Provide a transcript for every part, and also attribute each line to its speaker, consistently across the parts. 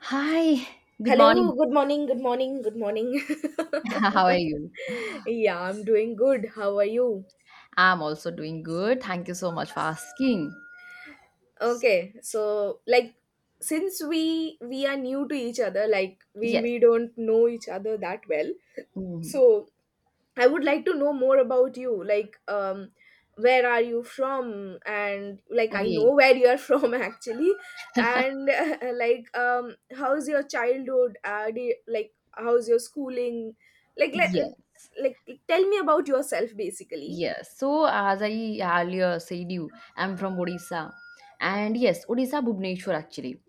Speaker 1: Hi, good
Speaker 2: Hello,
Speaker 1: morning.
Speaker 2: good morning, good morning, good morning.
Speaker 1: How are you?
Speaker 2: Yeah, I'm doing good. How are you?
Speaker 1: I'm also doing good. Thank you so much for asking.
Speaker 2: Okay, so like since we are new to each other, like we
Speaker 1: Yes.
Speaker 2: we don't know each other that well.
Speaker 1: Mhm.
Speaker 2: So I would like to know more about you. Like, where are you from? And like, I know
Speaker 1: Okay.
Speaker 2: where you are from actually. And like, how's your childhood? Like, how's your schooling? Like, like,
Speaker 1: Yes.
Speaker 2: like, Tell me about yourself basically.
Speaker 1: Yes. So, as I earlier said, I'm from Odisha. And yes, Odisha, Bhubaneswar, actually.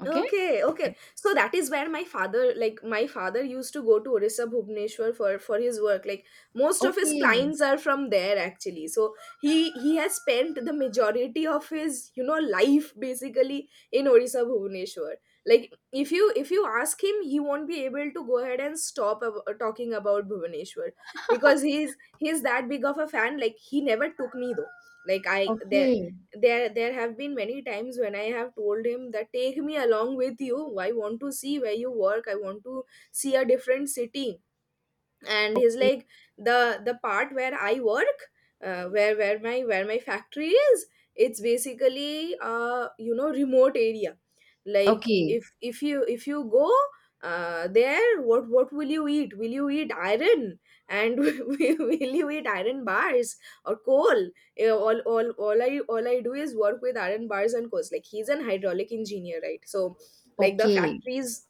Speaker 1: Okay.
Speaker 2: Okay, okay. So that is where my father, like my father used to go to Orissa Bhubaneswar for his work. Like most of his
Speaker 1: Okay.
Speaker 2: clients are from there actually. So he has spent the majority of his, you know, life basically in Orissa Bhubaneswar. Like if you ask him, he won't be able to go ahead and stop talking about Bhubaneswar because he's that big of a fan. Like he never took me though. Like I there
Speaker 1: Okay.
Speaker 2: there there have been many times when I have told him that take me along with you, I want to see where you work, I want to see a different city. And he's like, the part where I work, where my factory is, it's basically you know, remote area. Like
Speaker 1: Okay.
Speaker 2: if you go there, what will you eat? Will you eat iron and will you eat iron bars or coal? Eh, all I do is work with iron bars and coals. Like, he's an hydraulic engineer, right? So like the
Speaker 1: Okay.
Speaker 2: factories,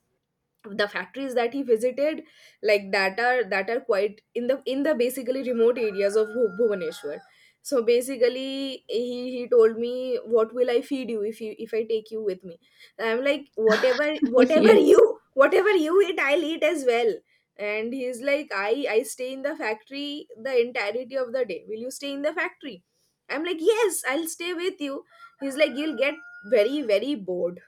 Speaker 2: the factories that he visited, like that are quite in the basically remote areas of Bhubaneswar. So basically he told me, what will I feed you if I take you with me? I'm like, whatever, whatever
Speaker 1: Yes.
Speaker 2: you whatever you eat, I'll eat as well. And he's like, I stay in the factory the entirety of the day, will you stay in the factory? I'm like, yes, I'll stay with you. He's like, you'll get very very bored.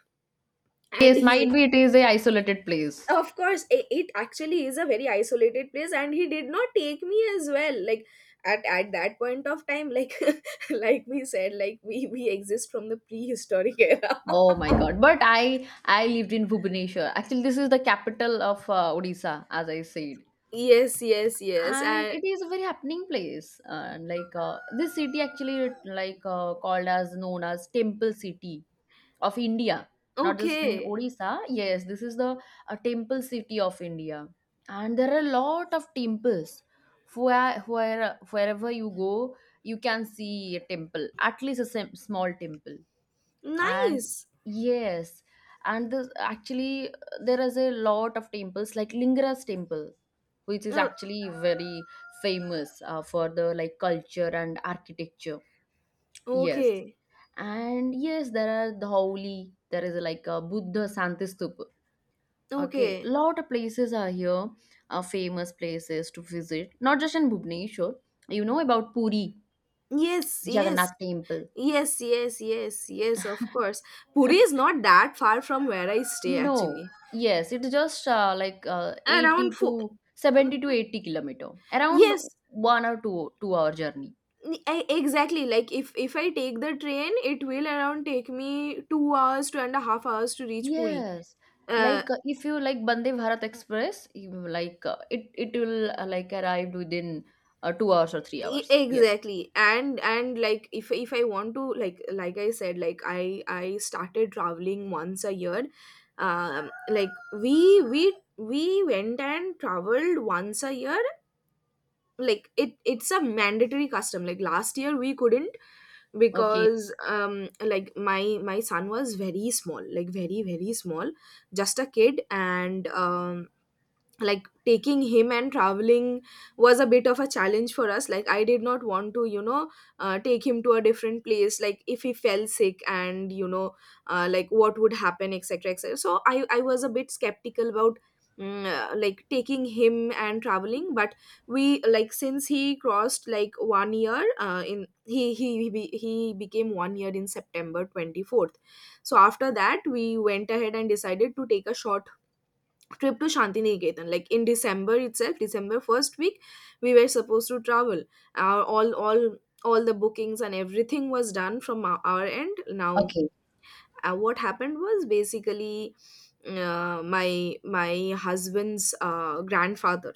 Speaker 2: And
Speaker 1: Yes,
Speaker 2: he,
Speaker 1: might be it is a isolated place.
Speaker 2: of course, it actually is a very isolated place, and he did not take me as well, like at that point of time, like like we said, like we exist from the prehistoric era.
Speaker 1: Oh my God. But I lived in Bhubaneswar. Actually, this is the capital of Odisha, as I said.
Speaker 2: Yes, yes, yes.
Speaker 1: And
Speaker 2: And
Speaker 1: it is a very happening place like this city actually, like called as known as temple city of India, not just in
Speaker 2: okay.
Speaker 1: Odisha. Yes, this is the temple city of India. And there are a lot of temples where, wherever you go, you can see a temple, at least a small temple. And
Speaker 2: Nice.
Speaker 1: yes. And this actually, there is a lot of temples like Lingras temple, which is
Speaker 2: Oh,
Speaker 1: actually very famous for the like culture and architecture. Yes.
Speaker 2: okay,
Speaker 1: And yes, there are the Holi. There is like a Buddha Santi Stupa. Okay,
Speaker 2: okay.
Speaker 1: lot of places are here, famous places to visit, not just in Bhubaneswar. You know about Puri
Speaker 2: Yes, yes,
Speaker 1: Jagannath temple.
Speaker 2: yes, yes, yes, yes, of course. Puri is not that far from where I stay actually.
Speaker 1: No. Yes, it's just like
Speaker 2: Around
Speaker 1: 80
Speaker 2: four.
Speaker 1: to 70 to 80 kilometer, around
Speaker 2: Yes.
Speaker 1: one or two hour journey.
Speaker 2: Exactly, like if I take the train, it will around take me 2 hours, 2.5 hours to reach Puri.
Speaker 1: Yes,
Speaker 2: uh
Speaker 1: like if you like Bande Bharat Express, like it will like arrived within 2 hours or three hours. Yes.
Speaker 2: exactly. And like, if I want to, like I said, like I started traveling once a year. um like we we we went and traveled once a year. Like it's a mandatory custom. Like last year we couldn't
Speaker 1: Okay.
Speaker 2: because like my son was very small, like very very small, just a kid. And like taking him and traveling was a bit of a challenge for us. Like, I did not want to, you know, take him to a different place. Like, if he fell sick and, you know, like, what would happen, etc, etc. So I was a bit skeptical about like taking him and traveling. But we, like since he crossed like 1 year, in he be- he became 1 year in September 24th. So after that we went ahead and decided to take a short trip to Shantiniketan. Like in December itself, December first week, we were supposed to travel. Our all the bookings and everything was done from our, end. Now,
Speaker 1: Okay.
Speaker 2: what happened was basically, my husband's grandfather,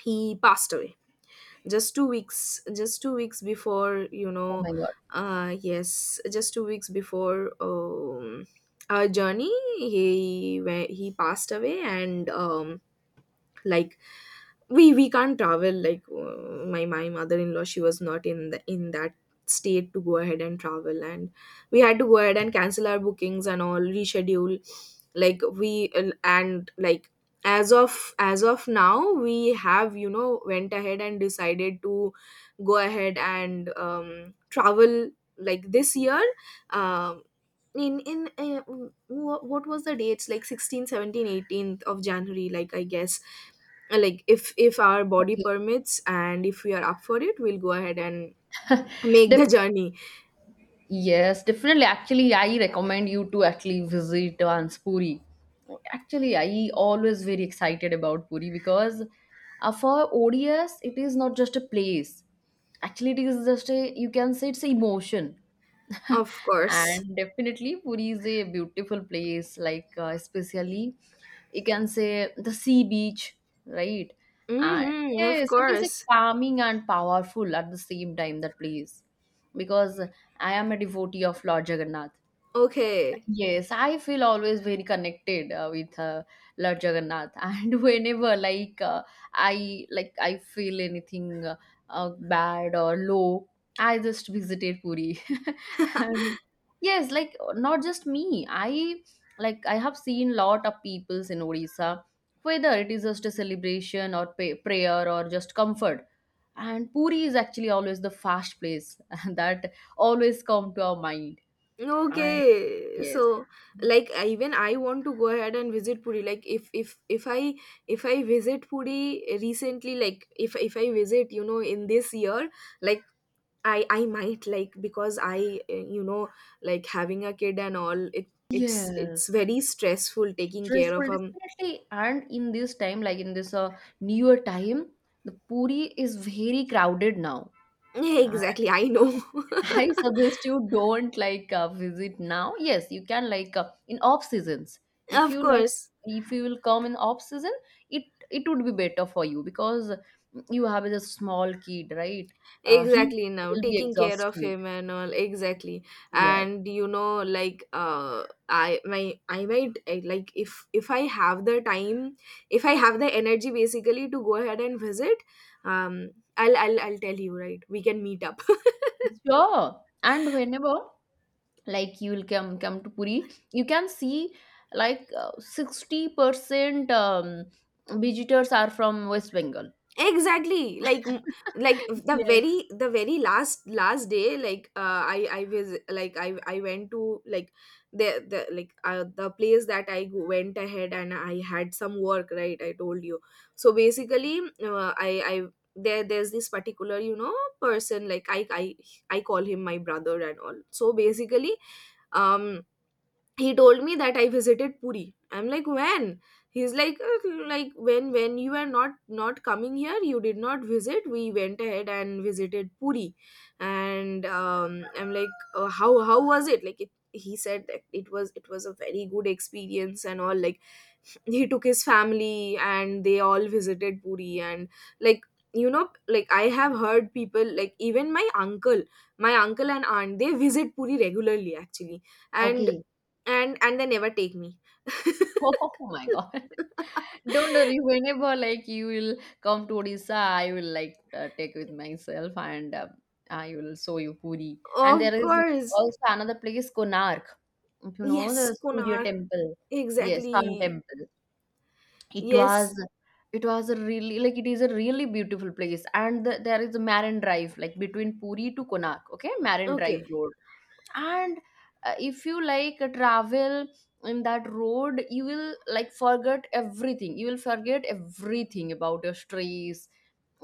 Speaker 2: he passed away just 2 weeks, just 2 weeks before, you
Speaker 1: Oh
Speaker 2: know.
Speaker 1: my God.
Speaker 2: Yes, just 2 weeks before our journey he went, he passed away. And like, we can't travel, like my mother-in-law, she was not in the in that state to go ahead and travel. And we had to go ahead and cancel our bookings and all, reschedule. Like we, and like, as of now, we have, you know, went ahead and decided to go ahead and travel like this year. um in what was the dates, like 16 17 18th of January, like I guess. Like, if our body
Speaker 1: Okay.
Speaker 2: permits and if we are up for it, we'll go ahead and make the journey.
Speaker 1: Yes, definitely. Actually, I recommend you to actually visit once Puri. Actually, I always very excited about Puri because for ODS, it is not just a place. Actually, it is just a, you can say, it's an emotion.
Speaker 2: Of course.
Speaker 1: And definitely Puri is a beautiful place, like especially you can say the sea beach, right? And
Speaker 2: Hmm, of
Speaker 1: yes, it is a
Speaker 2: course.
Speaker 1: calming and powerful at the same time, that place, because I am a devotee of Lord Jagannath.
Speaker 2: Okay,
Speaker 1: Yes, I feel always very connected with Lord Jagannath, and whenever like I feel anything bad or low, I just visited Puri. And yes, like not just me, I like I have seen lot of peoples in Odisha, whether it is just a celebration or prayer or just comfort. And Puri is actually always the first place that always come to our mind. And
Speaker 2: okay.
Speaker 1: yes.
Speaker 2: So like, even I want to go ahead and visit Puri. Like if I visit Puri recently, like if I visit, you know, in this year, like I might, like because I, you know, like having a kid and all, it's
Speaker 1: Yes,
Speaker 2: very stressful taking care
Speaker 1: stressful
Speaker 2: of a
Speaker 1: definitely. And in this time, like in this newer time, the Puri is very crowded now.
Speaker 2: yeah,
Speaker 1: And
Speaker 2: exactly, I know.
Speaker 1: I suggest you don't like visit now. Yes, you can like in off seasons. If
Speaker 2: Of
Speaker 1: you like,
Speaker 2: course.
Speaker 1: if you will come in off season, it it would be better for you because you have a small kid, right? He
Speaker 2: Exactly now.
Speaker 1: will be
Speaker 2: Taking care of
Speaker 1: exhausted.
Speaker 2: him and all. Exactly.
Speaker 1: Yes,
Speaker 2: And, you know, like, I my I might I, like if I have the time, if I have the energy basically to go ahead and visit, um I'll tell you, right? We can meet up.
Speaker 1: sure. And whenever like you will come to Puri, you can see like 60% visitors are from West Bengal.
Speaker 2: Exactly, like like the
Speaker 1: Yes.
Speaker 2: very the very last day, like, I was, like I went to like the place that I went ahead, and I had some work, right, I told you. So basically, I there there's this particular, you know, person, like I call him my brother and all. So basically um he told me that I visited Puri. I'm like, when? He's like, like when you were not coming here, you did not visit. We went ahead and visited Puri." And I'm like, how was it? Like it, he said that it was a very good experience and all, like he took his family and they all visited Puri. And like, you know, like I have heard people, like even my uncle and aunt, they visit Puri regularly actually. and
Speaker 1: Okay.
Speaker 2: and and they never take me.
Speaker 1: Oh my God. Don't worry, whenever like you will come to Odisha, I will like take with myself and I will show you Puri. And
Speaker 2: Of
Speaker 1: there is
Speaker 2: course.
Speaker 1: also another place, Konark, if you know the
Speaker 2: Yes,
Speaker 1: Surya
Speaker 2: Konark.
Speaker 1: temple. Yes, sun
Speaker 2: Exactly.
Speaker 1: temple. it was
Speaker 2: Yes.
Speaker 1: it was a really, like it is a really beautiful place. And there is a marine drive like between Puri to Konark, okay, marine drive
Speaker 2: Okay.
Speaker 1: road. And if you like travel in that road, you will like forget everything, you will forget everything about your stress,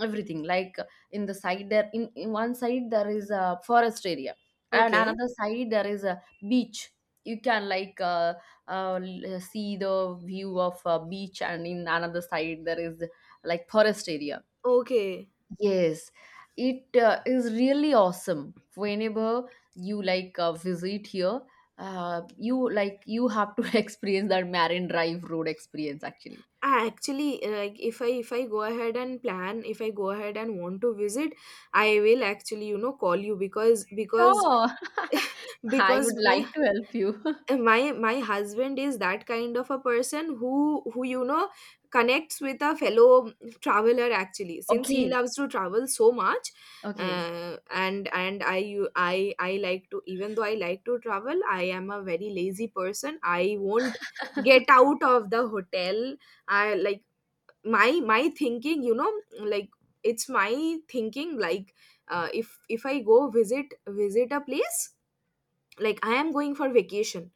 Speaker 1: everything. Like in the side there, in one side there is a forest area, and
Speaker 2: Okay.
Speaker 1: another side there is a beach. You can like see the view of a beach, and in another side there is like forest area.
Speaker 2: Okay.
Speaker 1: Yes, it is really awesome. Whenever you like visit here, you like you have to experience that marine drive road experience actually.
Speaker 2: I actually, like, if I go ahead and plan, if I go ahead and want to visit, I will actually, you know, call you because because
Speaker 1: Sure. I
Speaker 2: because
Speaker 1: would
Speaker 2: my
Speaker 1: like to help you.
Speaker 2: Uh, my my husband is that kind of a person who you know, connects with a fellow traveler actually, since he
Speaker 1: Okay.
Speaker 2: loves to travel so much.
Speaker 1: Okay,
Speaker 2: Uh, and and i you i i like to, even though I like to travel, I am a very lazy person, I won't get out of the hotel. I like, my thinking, you know, like it's my thinking, like, if if I go visit, a place, like, I am going for vacation,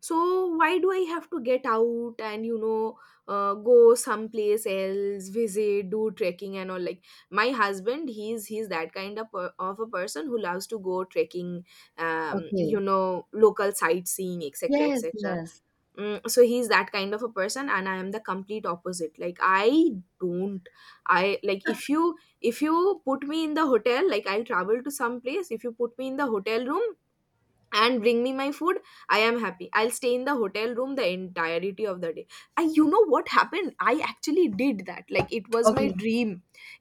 Speaker 2: so why do I have to get out and, you know, go someplace else, visit, do trekking and all. Like, my husband, he's that kind of, of a person who loves to go trekking, you
Speaker 1: okay.
Speaker 2: know, local sightseeing, etc,
Speaker 1: Yes,
Speaker 2: etc.
Speaker 1: yes.
Speaker 2: So he's that kind of a person, and I am the complete opposite. Like I don't, I like, if you put me in the hotel, like I'll travel to some place, if you put me in the hotel room and bring me my food, I am happy. I'll stay in the hotel room the entirety of the day. And, you know, what happened, I actually did that. Like, it was my
Speaker 1: Okay,
Speaker 2: dream,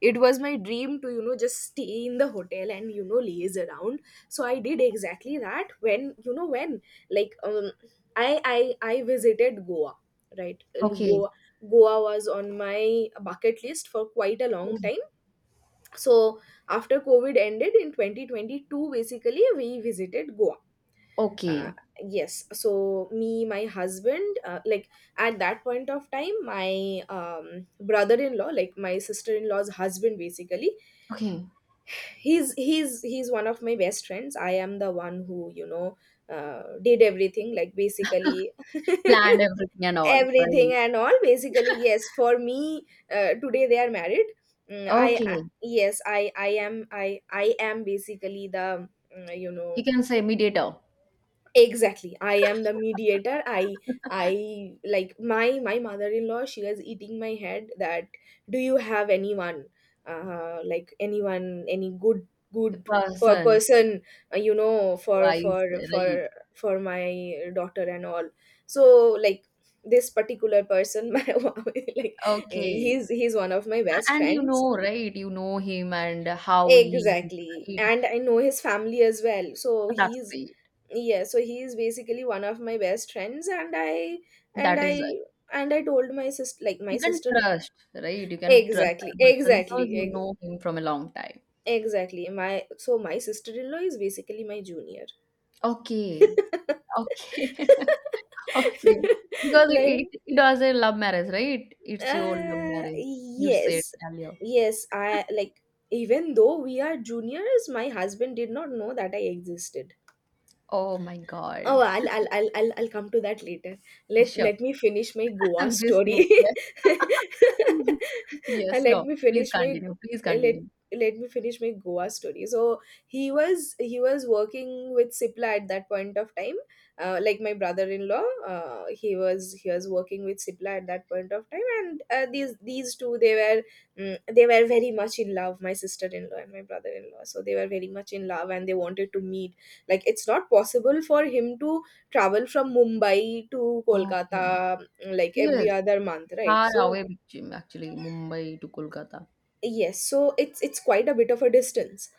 Speaker 2: it was my dream to, you know, just stay in the hotel and, you know, laze around. So I did exactly that when, you know, when, like, I visited Goa, right?
Speaker 1: okay,
Speaker 2: goa goa was on my bucket list for quite a long time. So after COVID ended in 2022, basically we visited Goa. uh,
Speaker 1: okay,
Speaker 2: yes, so me, my husband, like at that point of time, my, brother-in-law, like my sister-in-law's husband basically,
Speaker 1: okay.
Speaker 2: he's one of my best friends. I am the one who, you know, did everything, like basically,
Speaker 1: Planned everything and all,
Speaker 2: everything
Speaker 1: right?
Speaker 2: and all basically, yes. For me, today they are married. Mm, I
Speaker 1: Okay.
Speaker 2: Yes, I am, I am basically the, you know.
Speaker 1: You can say mediator,
Speaker 2: Exactly. I am the mediator. I like, my mother-in-law, she was eating my head that, do you have anyone, like anyone, any good good
Speaker 1: the
Speaker 2: per
Speaker 1: person,
Speaker 2: person, you know,
Speaker 1: device, right?
Speaker 2: for my daughter and all. So like this particular person, my like,
Speaker 1: Okay.
Speaker 2: he's one of my
Speaker 1: A-
Speaker 2: best
Speaker 1: And you
Speaker 2: friends.
Speaker 1: know, right? You know him and how he is,
Speaker 2: Exactly.
Speaker 1: right?
Speaker 2: And I know his family as well. So
Speaker 1: That's
Speaker 2: he's
Speaker 1: great.
Speaker 2: Yeah, so he is basically one of my best friends, and and
Speaker 1: That is
Speaker 2: i
Speaker 1: right.
Speaker 2: I told my sister, like, my
Speaker 1: You can
Speaker 2: sister
Speaker 1: trust, right? You can trust
Speaker 2: exactly
Speaker 1: that person because
Speaker 2: exactly
Speaker 1: you
Speaker 2: ex-
Speaker 1: know him from a long time.
Speaker 2: exactly. My sister-in-law is basically my junior.
Speaker 1: Okay, okay. Okay. Because
Speaker 2: Like,
Speaker 1: it was a love marriage, right? It's your love marriage. You said
Speaker 2: yes.
Speaker 1: earlier.
Speaker 2: Yes, I like even though we are juniors, my husband did not know that I existed.
Speaker 1: Oh my
Speaker 2: Oh,
Speaker 1: God.
Speaker 2: I'll come to that later.
Speaker 1: Sure.
Speaker 2: Let me finish my Goa
Speaker 1: And this thing,
Speaker 2: story.
Speaker 1: yes.
Speaker 2: Uh,
Speaker 1: Yes,
Speaker 2: let
Speaker 1: so
Speaker 2: me
Speaker 1: please
Speaker 2: finish my
Speaker 1: continue. Please
Speaker 2: uh, let
Speaker 1: continue.
Speaker 2: Let me finish my Goa story. So he was working with Cipla at that point of time. Like, my brother-in-law, he was working with Cipla at that point of time, and these two, they were, they were very much in love. My sister-in-law and my brother-in-law, so they were very much in love, and they wanted to meet. Like, it's not possible for him to travel from Mumbai to
Speaker 1: Okay.
Speaker 2: Kolkata like every
Speaker 1: Yes,
Speaker 2: other month, right?
Speaker 1: far
Speaker 2: So,
Speaker 1: away between actually Mumbai to Kolkata.
Speaker 2: yes, so it's quite a bit of a distance.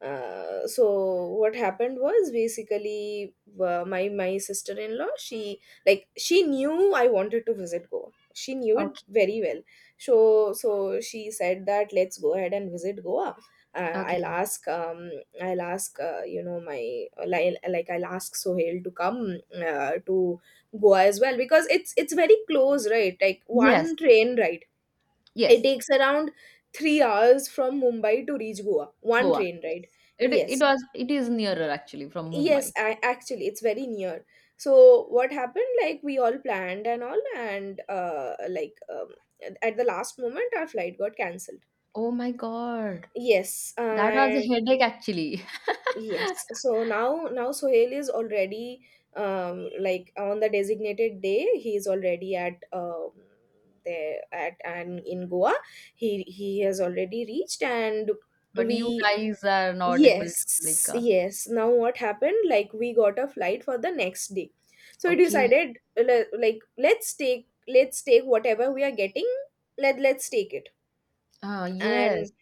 Speaker 2: So what happened was, basically, my sister-in-law, she like, she knew I wanted to visit Goa. She knew it
Speaker 1: Okay.
Speaker 2: very well. So she said that let's go ahead and visit Goa. Uh, I'll
Speaker 1: Okay.
Speaker 2: ask um I'll ask you know my like I'll ask Sohail to come, to Goa as well, because it's very close, right? Like,
Speaker 1: Yes.
Speaker 2: one train ride. It
Speaker 1: Yes.
Speaker 2: takes around 3 hours from Mumbai to reach Goa. One
Speaker 1: Goa.
Speaker 2: train ride.
Speaker 1: Yes.
Speaker 2: Yes.
Speaker 1: It is nearer actually from
Speaker 2: Yes,
Speaker 1: Mumbai.
Speaker 2: actually, it's very near. So what happened? Like, we all planned and all, and like, at the last moment, our flight got cancelled.
Speaker 1: Oh my God.
Speaker 2: Yes.
Speaker 1: That was a
Speaker 2: And
Speaker 1: headache actually.
Speaker 2: yes. So, now Sohail is already, like, on the designated day. He is already at, there, at and in Goa. He has already reached, and
Speaker 1: But you
Speaker 2: we
Speaker 1: guys are not able to like
Speaker 2: yes, yes. Now what happened? Like, we got a flight for the next day. So we
Speaker 1: okay.
Speaker 2: decided, like, let's take whatever we are getting. Let's take it.
Speaker 1: Ah,
Speaker 2: And
Speaker 1: yes.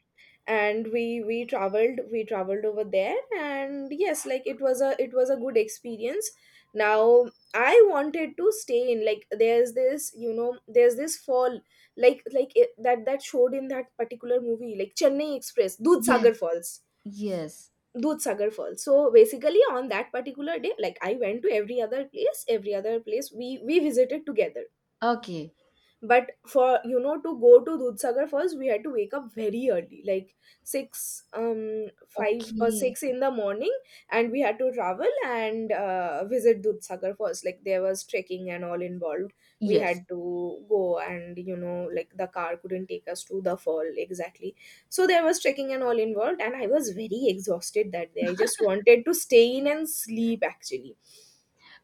Speaker 2: and we traveled over there, and yes, like, it was a good experience. Now I wanted to stay in, like, there's this, there's this fall, like, that showed in that particular movie, like Chennai Express — Dudh
Speaker 1: Yes.
Speaker 2: Sagar Falls,
Speaker 1: Yes.
Speaker 2: Dudhsagar Falls. So, basically, on that particular day, like, I went to every other place. Every other place we visited together,
Speaker 1: Okay.
Speaker 2: but, for, to go to Dudhsagar first, we had to wake up very early, like, 6, 5 or
Speaker 1: Okay.
Speaker 2: 6 in the morning, and we had to travel and, visit Dudhsagar first. Like, there was trekking and all involved. We
Speaker 1: Yes.
Speaker 2: had to go, and, like, the car couldn't take us to the fall exactly. So there was trekking and all involved, and I was very exhausted that day. I just wanted to stay in and sleep, actually.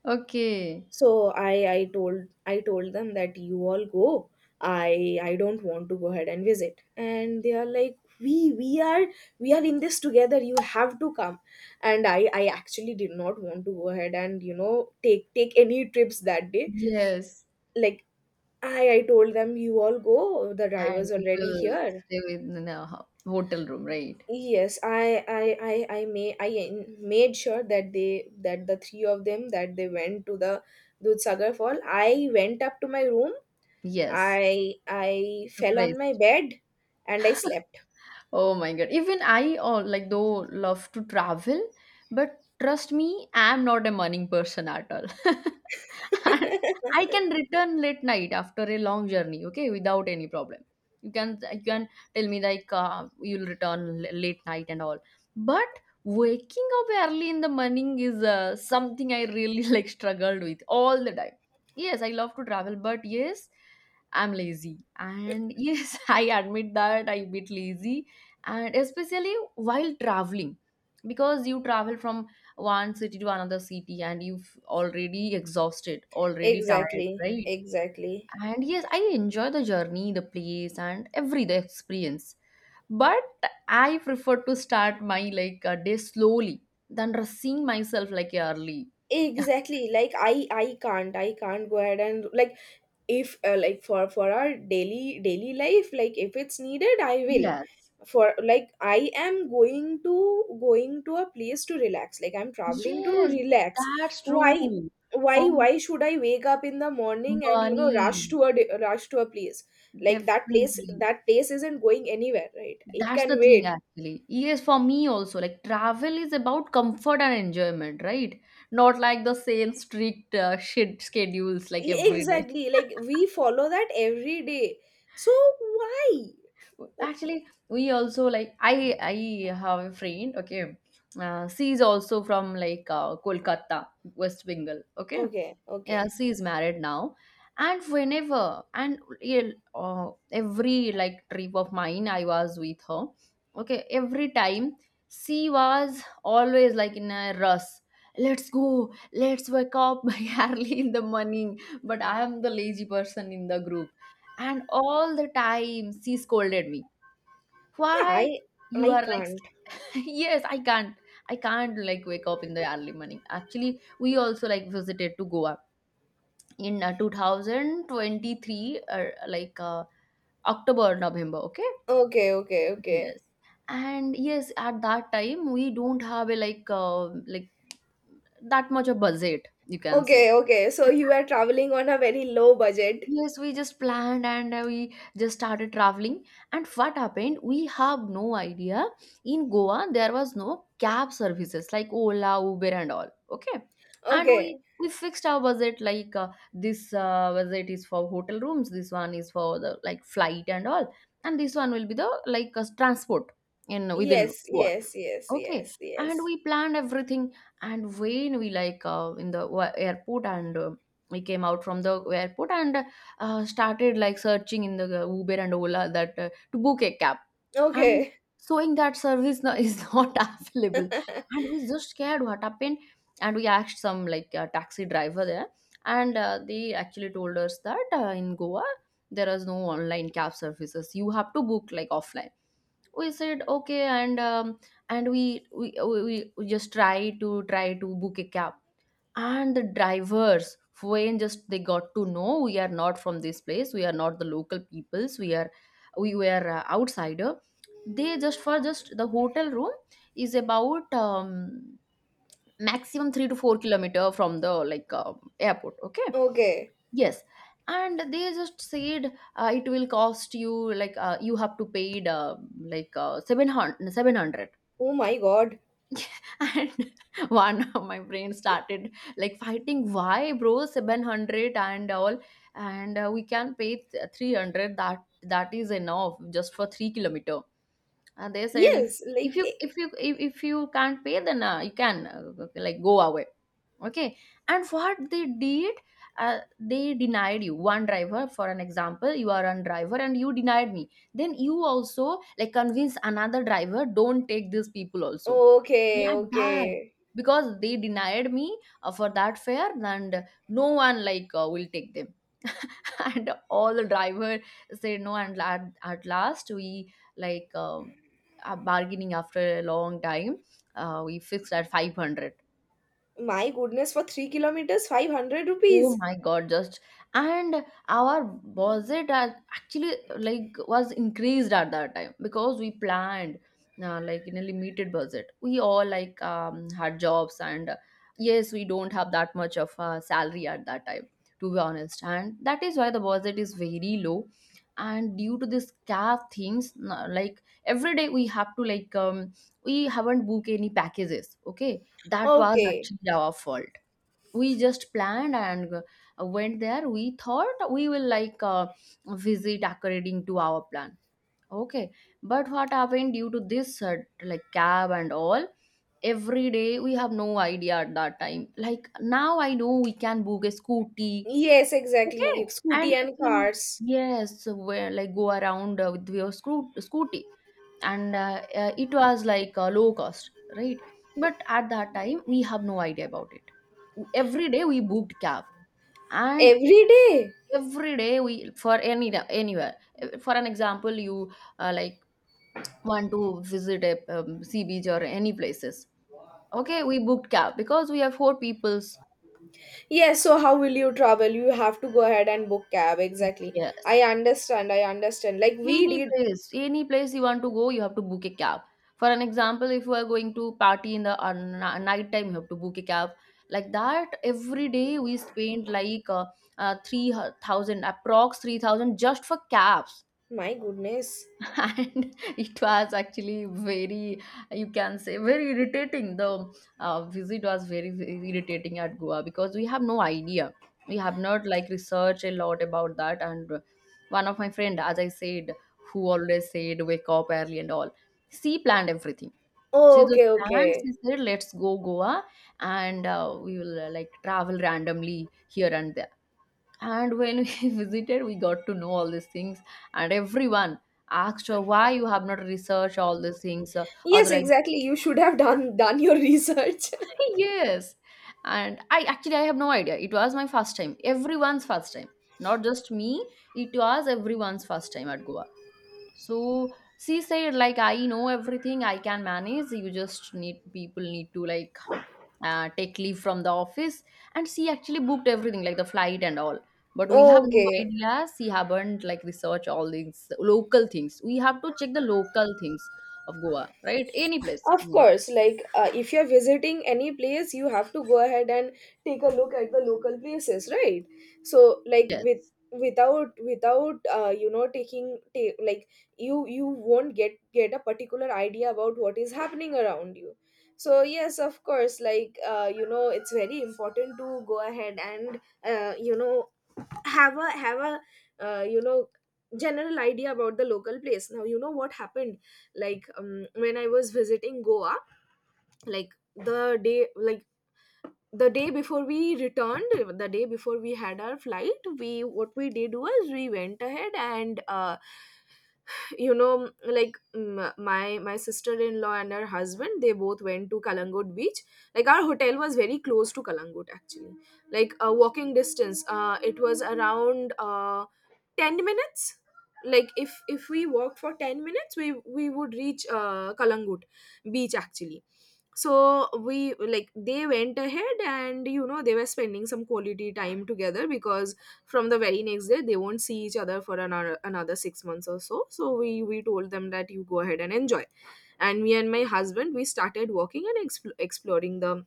Speaker 1: Okay.
Speaker 2: So I told them that you all go. I don't want to go ahead and visit. And they are like, we are in this together, you have to come. And I actually did not want to go ahead and, take any trips that day.
Speaker 1: Yes.
Speaker 2: Like, I told them, you all go, the driver's
Speaker 1: And you
Speaker 2: already
Speaker 1: will
Speaker 2: here.
Speaker 1: stay within a hotel room, right?
Speaker 2: Yes, I made sure that the three of them, that they went to the Dudhsagar fall. I went up to my room.
Speaker 1: Yes.
Speaker 2: I
Speaker 1: To
Speaker 2: fell on
Speaker 1: rest.
Speaker 2: my bed and I slept.
Speaker 1: Oh my God. Even I all like though love to travel, but trust me, I'm not a morning person at all. And I can return late night after a long journey, okay, without any problem. You can tell me like you'll return late night and all, but waking up early in the morning is something I really like struggled with all the time. Yes, I love to travel, but yes, I'm lazy, and yes, I admit that I'm a bit lazy, and especially while traveling, because you travel from one city to another city and you've already exhausted, already tired,
Speaker 2: Exactly.
Speaker 1: right?
Speaker 2: Exactly.
Speaker 1: And yes, I enjoy the journey, the place, and every the experience. But I prefer to start my like a day slowly than rushing myself like early.
Speaker 2: Exactly. Like, I can't go ahead and, like, if, like, for our daily daily life, like, if it's needed, I will.
Speaker 1: Yes.
Speaker 2: For Like, I am going to going to a place to relax. Like, I'm traveling to
Speaker 1: Yes,
Speaker 2: relax.
Speaker 1: that's
Speaker 2: why
Speaker 1: true. For
Speaker 2: why why should I wake up in the morning and,
Speaker 1: money,
Speaker 2: rush to a, rush to a place? Like,
Speaker 1: definitely.
Speaker 2: that place isn't going anywhere, right? It
Speaker 1: That's
Speaker 2: can
Speaker 1: the thing,
Speaker 2: wait.
Speaker 1: actually. Yes, for me also, like travel is about comfort and enjoyment, right? Not like the same strict shit schedules like every day.
Speaker 2: Exactly. Like, we follow that every day. So why? O-
Speaker 1: Actually, we also like I have a friend. Okay, she is also from like Kolkata, West Bengal. Okay,
Speaker 2: okay,
Speaker 1: yeah,
Speaker 2: okay.
Speaker 1: she is married now. And whenever and yeah, every like trip of mine I was with her. Okay, every time she was always like in a rush, let's go, let's wake up early in the morning. But I am the lazy person in the group, and all the time she scolded me,
Speaker 2: Yeah,
Speaker 1: why
Speaker 2: I
Speaker 1: you are
Speaker 2: can't.
Speaker 1: like, yes, I can't, like wake up in the early morning. Actually, we also like visited to Goa in 2023 or like October November. Okay.
Speaker 2: Okay, okay, okay,
Speaker 1: Yes. And yes, at that time we don't have a like that much of budget, you can say.
Speaker 2: okay, okay. So you are traveling on a very low budget.
Speaker 1: Yes, we just planned and we just started traveling. And what happened? We have no idea. In Goa, there was no cab services like Ola, Uber, and all. Okay, and
Speaker 2: Okay.
Speaker 1: we fixed our budget like this budget is for hotel rooms. This one is for the like flight and all, and this one will be the like transport in within
Speaker 2: Yes,
Speaker 1: Goa.
Speaker 2: yes, yes,
Speaker 1: Okay,
Speaker 2: yes,
Speaker 1: and
Speaker 2: yes.
Speaker 1: we planned everything. And when we like in the airport, and we came out from the airport and started like searching in the Uber and Ola, that to book a cab, and
Speaker 2: Okay.
Speaker 1: showing that service no, is not available, and we just scared what happened, and we asked some like taxi driver there, and they actually told us that in Goa there is no online cab services. You have to book like offline. We said okay, and we just try to book a cab. And the drivers, when just they got to know we are not from this place, we are not the local peoples, we are, we were outsider. They just for just the hotel room is about maximum 3 to 4 kilometer from the like airport, okay.
Speaker 2: Okay.
Speaker 1: Yes, and they just said it will cost you like you have to pay 700.
Speaker 2: Oh my God.
Speaker 1: And one of my friends started like fighting, why bro, 700 and all, and we can pay 300, that is enough just for 3 kilometer. And they said if
Speaker 2: Yes, like,
Speaker 1: if you can't pay then you can like go away, okay. And what they did, they denied you. One driver, for an example, you are one driver and you denied me, then you also like convince another driver, don't take these people also,
Speaker 2: okay,
Speaker 1: like that.
Speaker 2: okay.
Speaker 1: Because they denied me for that fare, and no one like will take them. And all the driver said no, and at last we like are bargaining. After a long time we fixed at 500.
Speaker 2: My goodness, for 3 kilometers, 500
Speaker 1: Oh
Speaker 2: rupees.
Speaker 1: my God, just. And our budget are actually like was increased at that time because we planned like in a limited budget. We all like had jobs and yes, we don't have that much of a salary at that time, to be honest. And that is why the budget is very low. And due to this calf things, like every day we have to like we haven't booked any packages. Okay, that was
Speaker 2: Okay.
Speaker 1: actually our fault. We just planned and went there. We thought we will like visit according to our plan, okay. But what happened, due to this like cab and all, every day, we have no idea at that time. Like now I know we can book a scooty,
Speaker 2: Yes,
Speaker 1: okay.
Speaker 2: exactly. Scooty
Speaker 1: And you
Speaker 2: and
Speaker 1: can,
Speaker 2: cars.
Speaker 1: yes, where like go around with your scooty, and it was like low cost, right. But at that time we have no idea about it. Every day we booked cab. And
Speaker 2: Every day.
Speaker 1: every day we, for anywhere, for an example, you like want to visit a sea beach or any places, okay, we booked cab because we have four peoples.
Speaker 2: Yes, so how will you travel? You have to go ahead and book cab. Exactly.
Speaker 1: Yes,
Speaker 2: I understand. I understand. Like we
Speaker 1: any
Speaker 2: did.
Speaker 1: place, any place you want to go, you have to book a cab. For an example, if you are going to party in the night time, you have to book a cab. Like that every day we spend like 3,000, approx 3,000, just for cabs.
Speaker 2: My goodness.
Speaker 1: And it was actually very, you can say, very irritating. The visit was very, very irritating at Goa because we have no idea, we have not like researched a lot about that. And one of my friend, as I said, who always said wake up early and all, she planned everything. She
Speaker 2: Oh,
Speaker 1: just
Speaker 2: okay,
Speaker 1: planned,
Speaker 2: okay.
Speaker 1: she said let's go Goa, and we will like travel randomly here and there. And when we visited, we got to know all these things. And everyone asked her why you have not researched all these things,
Speaker 2: Yes,
Speaker 1: otherwise.
Speaker 2: exactly. You should have done your research.
Speaker 1: Yes. And I actually, I have no idea, it was my first time, everyone's first time, not just me. It was everyone's first time at Goa. So she said, like, I know everything, I can manage. You just need, people need to like take leave from the office. And she actually booked everything, like the flight and all. But we have no
Speaker 2: Okay.
Speaker 1: idea. She haven't like research all these local things. We have to check the local things of Goa, right? Any place
Speaker 2: Of
Speaker 1: you are.
Speaker 2: course, like, if you're visiting any place, you have to go ahead and take a look at the local places, right? So, like,
Speaker 1: Yes.
Speaker 2: without, taking, like, you won't get a particular idea about what is happening around you. So yes, of course, like, it's very important to go ahead and, have a, uh, you know general idea about the local place. Now you know what happened, like, when I was visiting Goa, like, the day like, the day before we returned, the day before we had our flight we what we did was, we went ahead and, like, my sister-in-law and her husband, they both went to Kalangut beach. Like, our hotel was very close to Kalangut actually, like a walking distance. It was around, 10 minutes. Like, if we walk for 10 minutes, we would reach, Kalangut beach, actually. So we like, they went ahead and, you know, they were spending some quality time together, because from the very next day they won't see each other for another 6 months or so. So we told them that you go ahead and enjoy. And me and my husband, we started walking and exploring the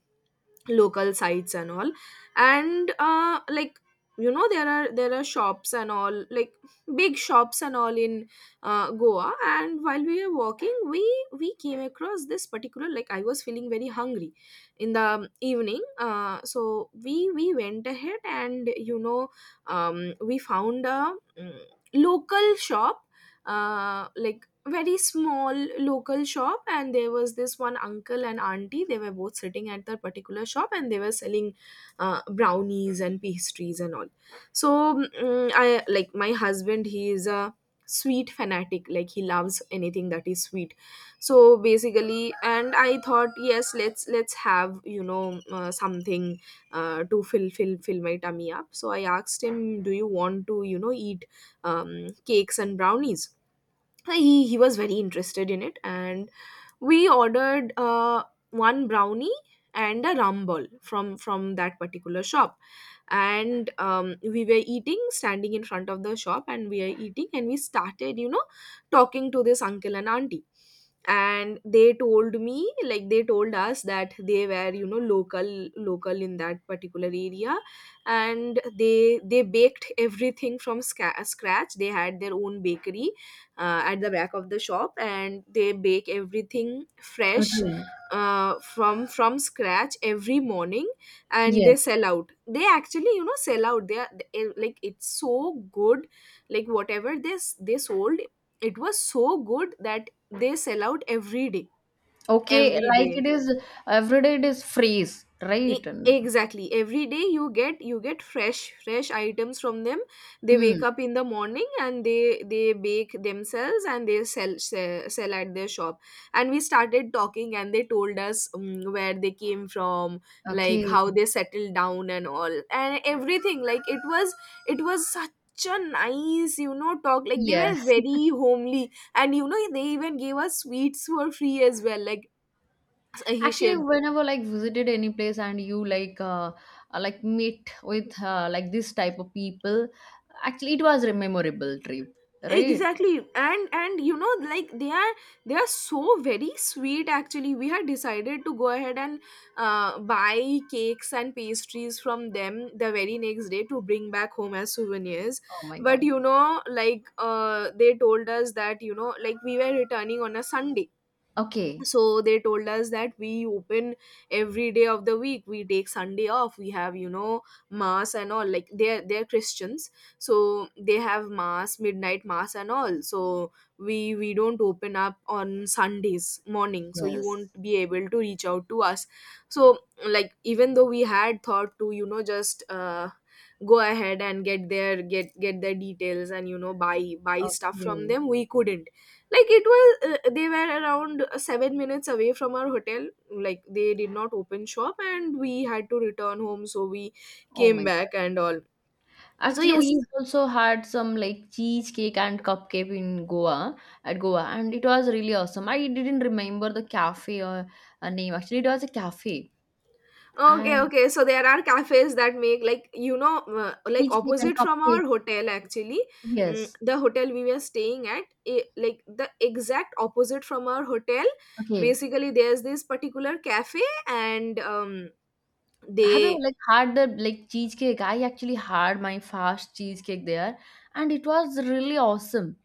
Speaker 2: local sites and all. And, like, you know, there are shops and all, like, big shops and all in, Goa. And while we were walking, we came across this particular, like, I was feeling very hungry in the evening. So we went ahead and, you know, we found a, local shop. Like, very small local shop, and there was this one uncle and auntie. They were both sitting at that particular shop, and they were selling, brownies and pastries and all. So, I, like, my husband, he is a sweet fanatic. Like, he loves anything that is sweet. So basically, and I thought, yes, let's have, you know, something, to fill my tummy up. So I asked him, do you want to, you know, eat, cakes and brownies? He was very interested in it, and we ordered, one brownie and a rum ball from that particular shop. And, we were eating standing in front of the shop, and we are eating, and we started, you know, talking to this uncle and auntie. And they told me, like, they told us that they were, you know, local in that particular area. And they baked everything from, scratch. They had their own bakery, at the back of the shop, and they bake everything fresh,
Speaker 1: Okay.
Speaker 2: from scratch every morning, and they
Speaker 1: Yes.
Speaker 2: sell out. They actually, you know, sell out. They are, like, it's so good. Like, whatever this they sold, it was so good that they sell out every day,
Speaker 1: Okay.
Speaker 2: every
Speaker 1: Like it
Speaker 2: day.
Speaker 1: is every day. It is freeze, right? And—
Speaker 2: Exactly. Every day, you get fresh items from them. They
Speaker 1: Hmm.
Speaker 2: wake up in the morning, and they bake themselves, and they sell at their shop. And we started talking, and they told us, where they came from, like,
Speaker 1: Okay.
Speaker 2: how they settled down and all, and everything. Like, it was such a nice, you know, talk. Like, they were
Speaker 1: Yes.
Speaker 2: very homely, and, you know, they even gave us sweets for free as well. Like, he
Speaker 1: Actually,
Speaker 2: shared,
Speaker 1: whenever like visited any place and you like meet with like this type of people, actually it was a memorable trip, right?
Speaker 2: exactly. And you know, like, they are so very sweet. Actually, we had decided to go ahead and, buy cakes and pastries from them the very next day to bring back home as souvenirs.
Speaker 1: Oh my
Speaker 2: But,
Speaker 1: god.
Speaker 2: you know, like, they told us that, you know, like, we were returning on a Sunday.
Speaker 1: Okay.
Speaker 2: So they told us that we open every day of the week, we take Sunday off, we have, you know, mass and all. Like, they're Christians. So they have mass, midnight mass and all. So we don't open up on Sundays morning, so you won't
Speaker 1: Yes.
Speaker 2: be able to reach out to us. So, like, even though we had thought to, you know, just, go ahead and get their, get their details, and, you know, buy stuff from
Speaker 1: Okay.
Speaker 2: them, we couldn't. Like, it was, they were around, 7 minutes away from our hotel. Like, they did not open shop, and we had to return home, so we
Speaker 1: Oh
Speaker 2: came
Speaker 1: my
Speaker 2: back
Speaker 1: god.
Speaker 2: and all. So
Speaker 1: Actually,
Speaker 2: yes.
Speaker 1: we also had some like cheesecake and cupcake in Goa, at Goa, and it was really awesome. I didn't remember the cafe or a name. Actually, it was a cafe,
Speaker 2: Okay,
Speaker 1: and
Speaker 2: okay, so there are cafes that make, like, you know, like
Speaker 1: cheesecake and
Speaker 2: opposite from our
Speaker 1: cupcakes.
Speaker 2: hotel, actually.
Speaker 1: Yes.
Speaker 2: The hotel we were staying at, like the exact opposite from our hotel,
Speaker 1: Okay.
Speaker 2: basically. There's this particular cafe, and,
Speaker 1: Have you
Speaker 2: they
Speaker 1: like had the like cheesecake? I actually had my first cheesecake there, and it was really awesome.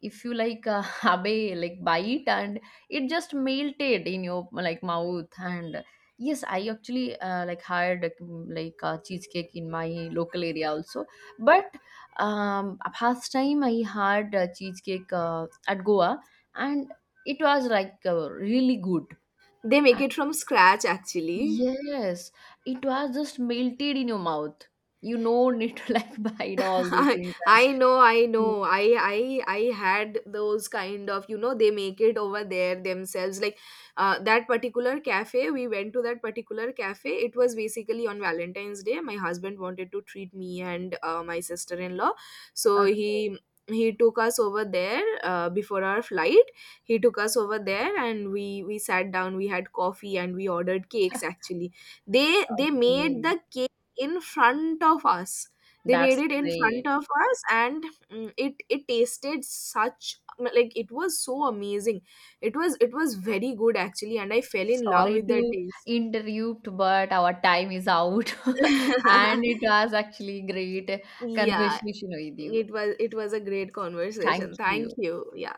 Speaker 1: If you like have a like bite, and it just melted in your like mouth. And yes, I actually like had like like, cheesecake in my local area also. But first time I had cheesecake at Goa, and it was like really good.
Speaker 2: they make it from scratch, actually.
Speaker 1: Yes, it was just melted in your mouth. You no need to like bite all these
Speaker 2: I,
Speaker 1: things.
Speaker 2: I know, I
Speaker 1: And
Speaker 2: know. I I had those kind of, you know, they make it over there themselves. Like, that particular cafe, we went to that particular cafe. It was basically on Valentine's Day. My husband wanted to treat me and, my sister-in-law, so
Speaker 1: okay,
Speaker 2: he took us over there, before our flight. He took us over there, and we sat down. We had coffee, and we ordered cakes. Actually, they made
Speaker 1: okay.
Speaker 2: the cake in front of us. They made
Speaker 1: That's
Speaker 2: it in front
Speaker 1: great.
Speaker 2: of us, and, it tasted such, like, it was so amazing. It was very good, actually, and I fell in love
Speaker 1: Sorry
Speaker 2: with the
Speaker 1: to
Speaker 2: taste.
Speaker 1: interrupt, but our time is out. And it was actually great
Speaker 2: Yeah.
Speaker 1: conversation with you.
Speaker 2: It was a great
Speaker 1: Thank
Speaker 2: conversation, thank
Speaker 1: you.
Speaker 2: you, yeah.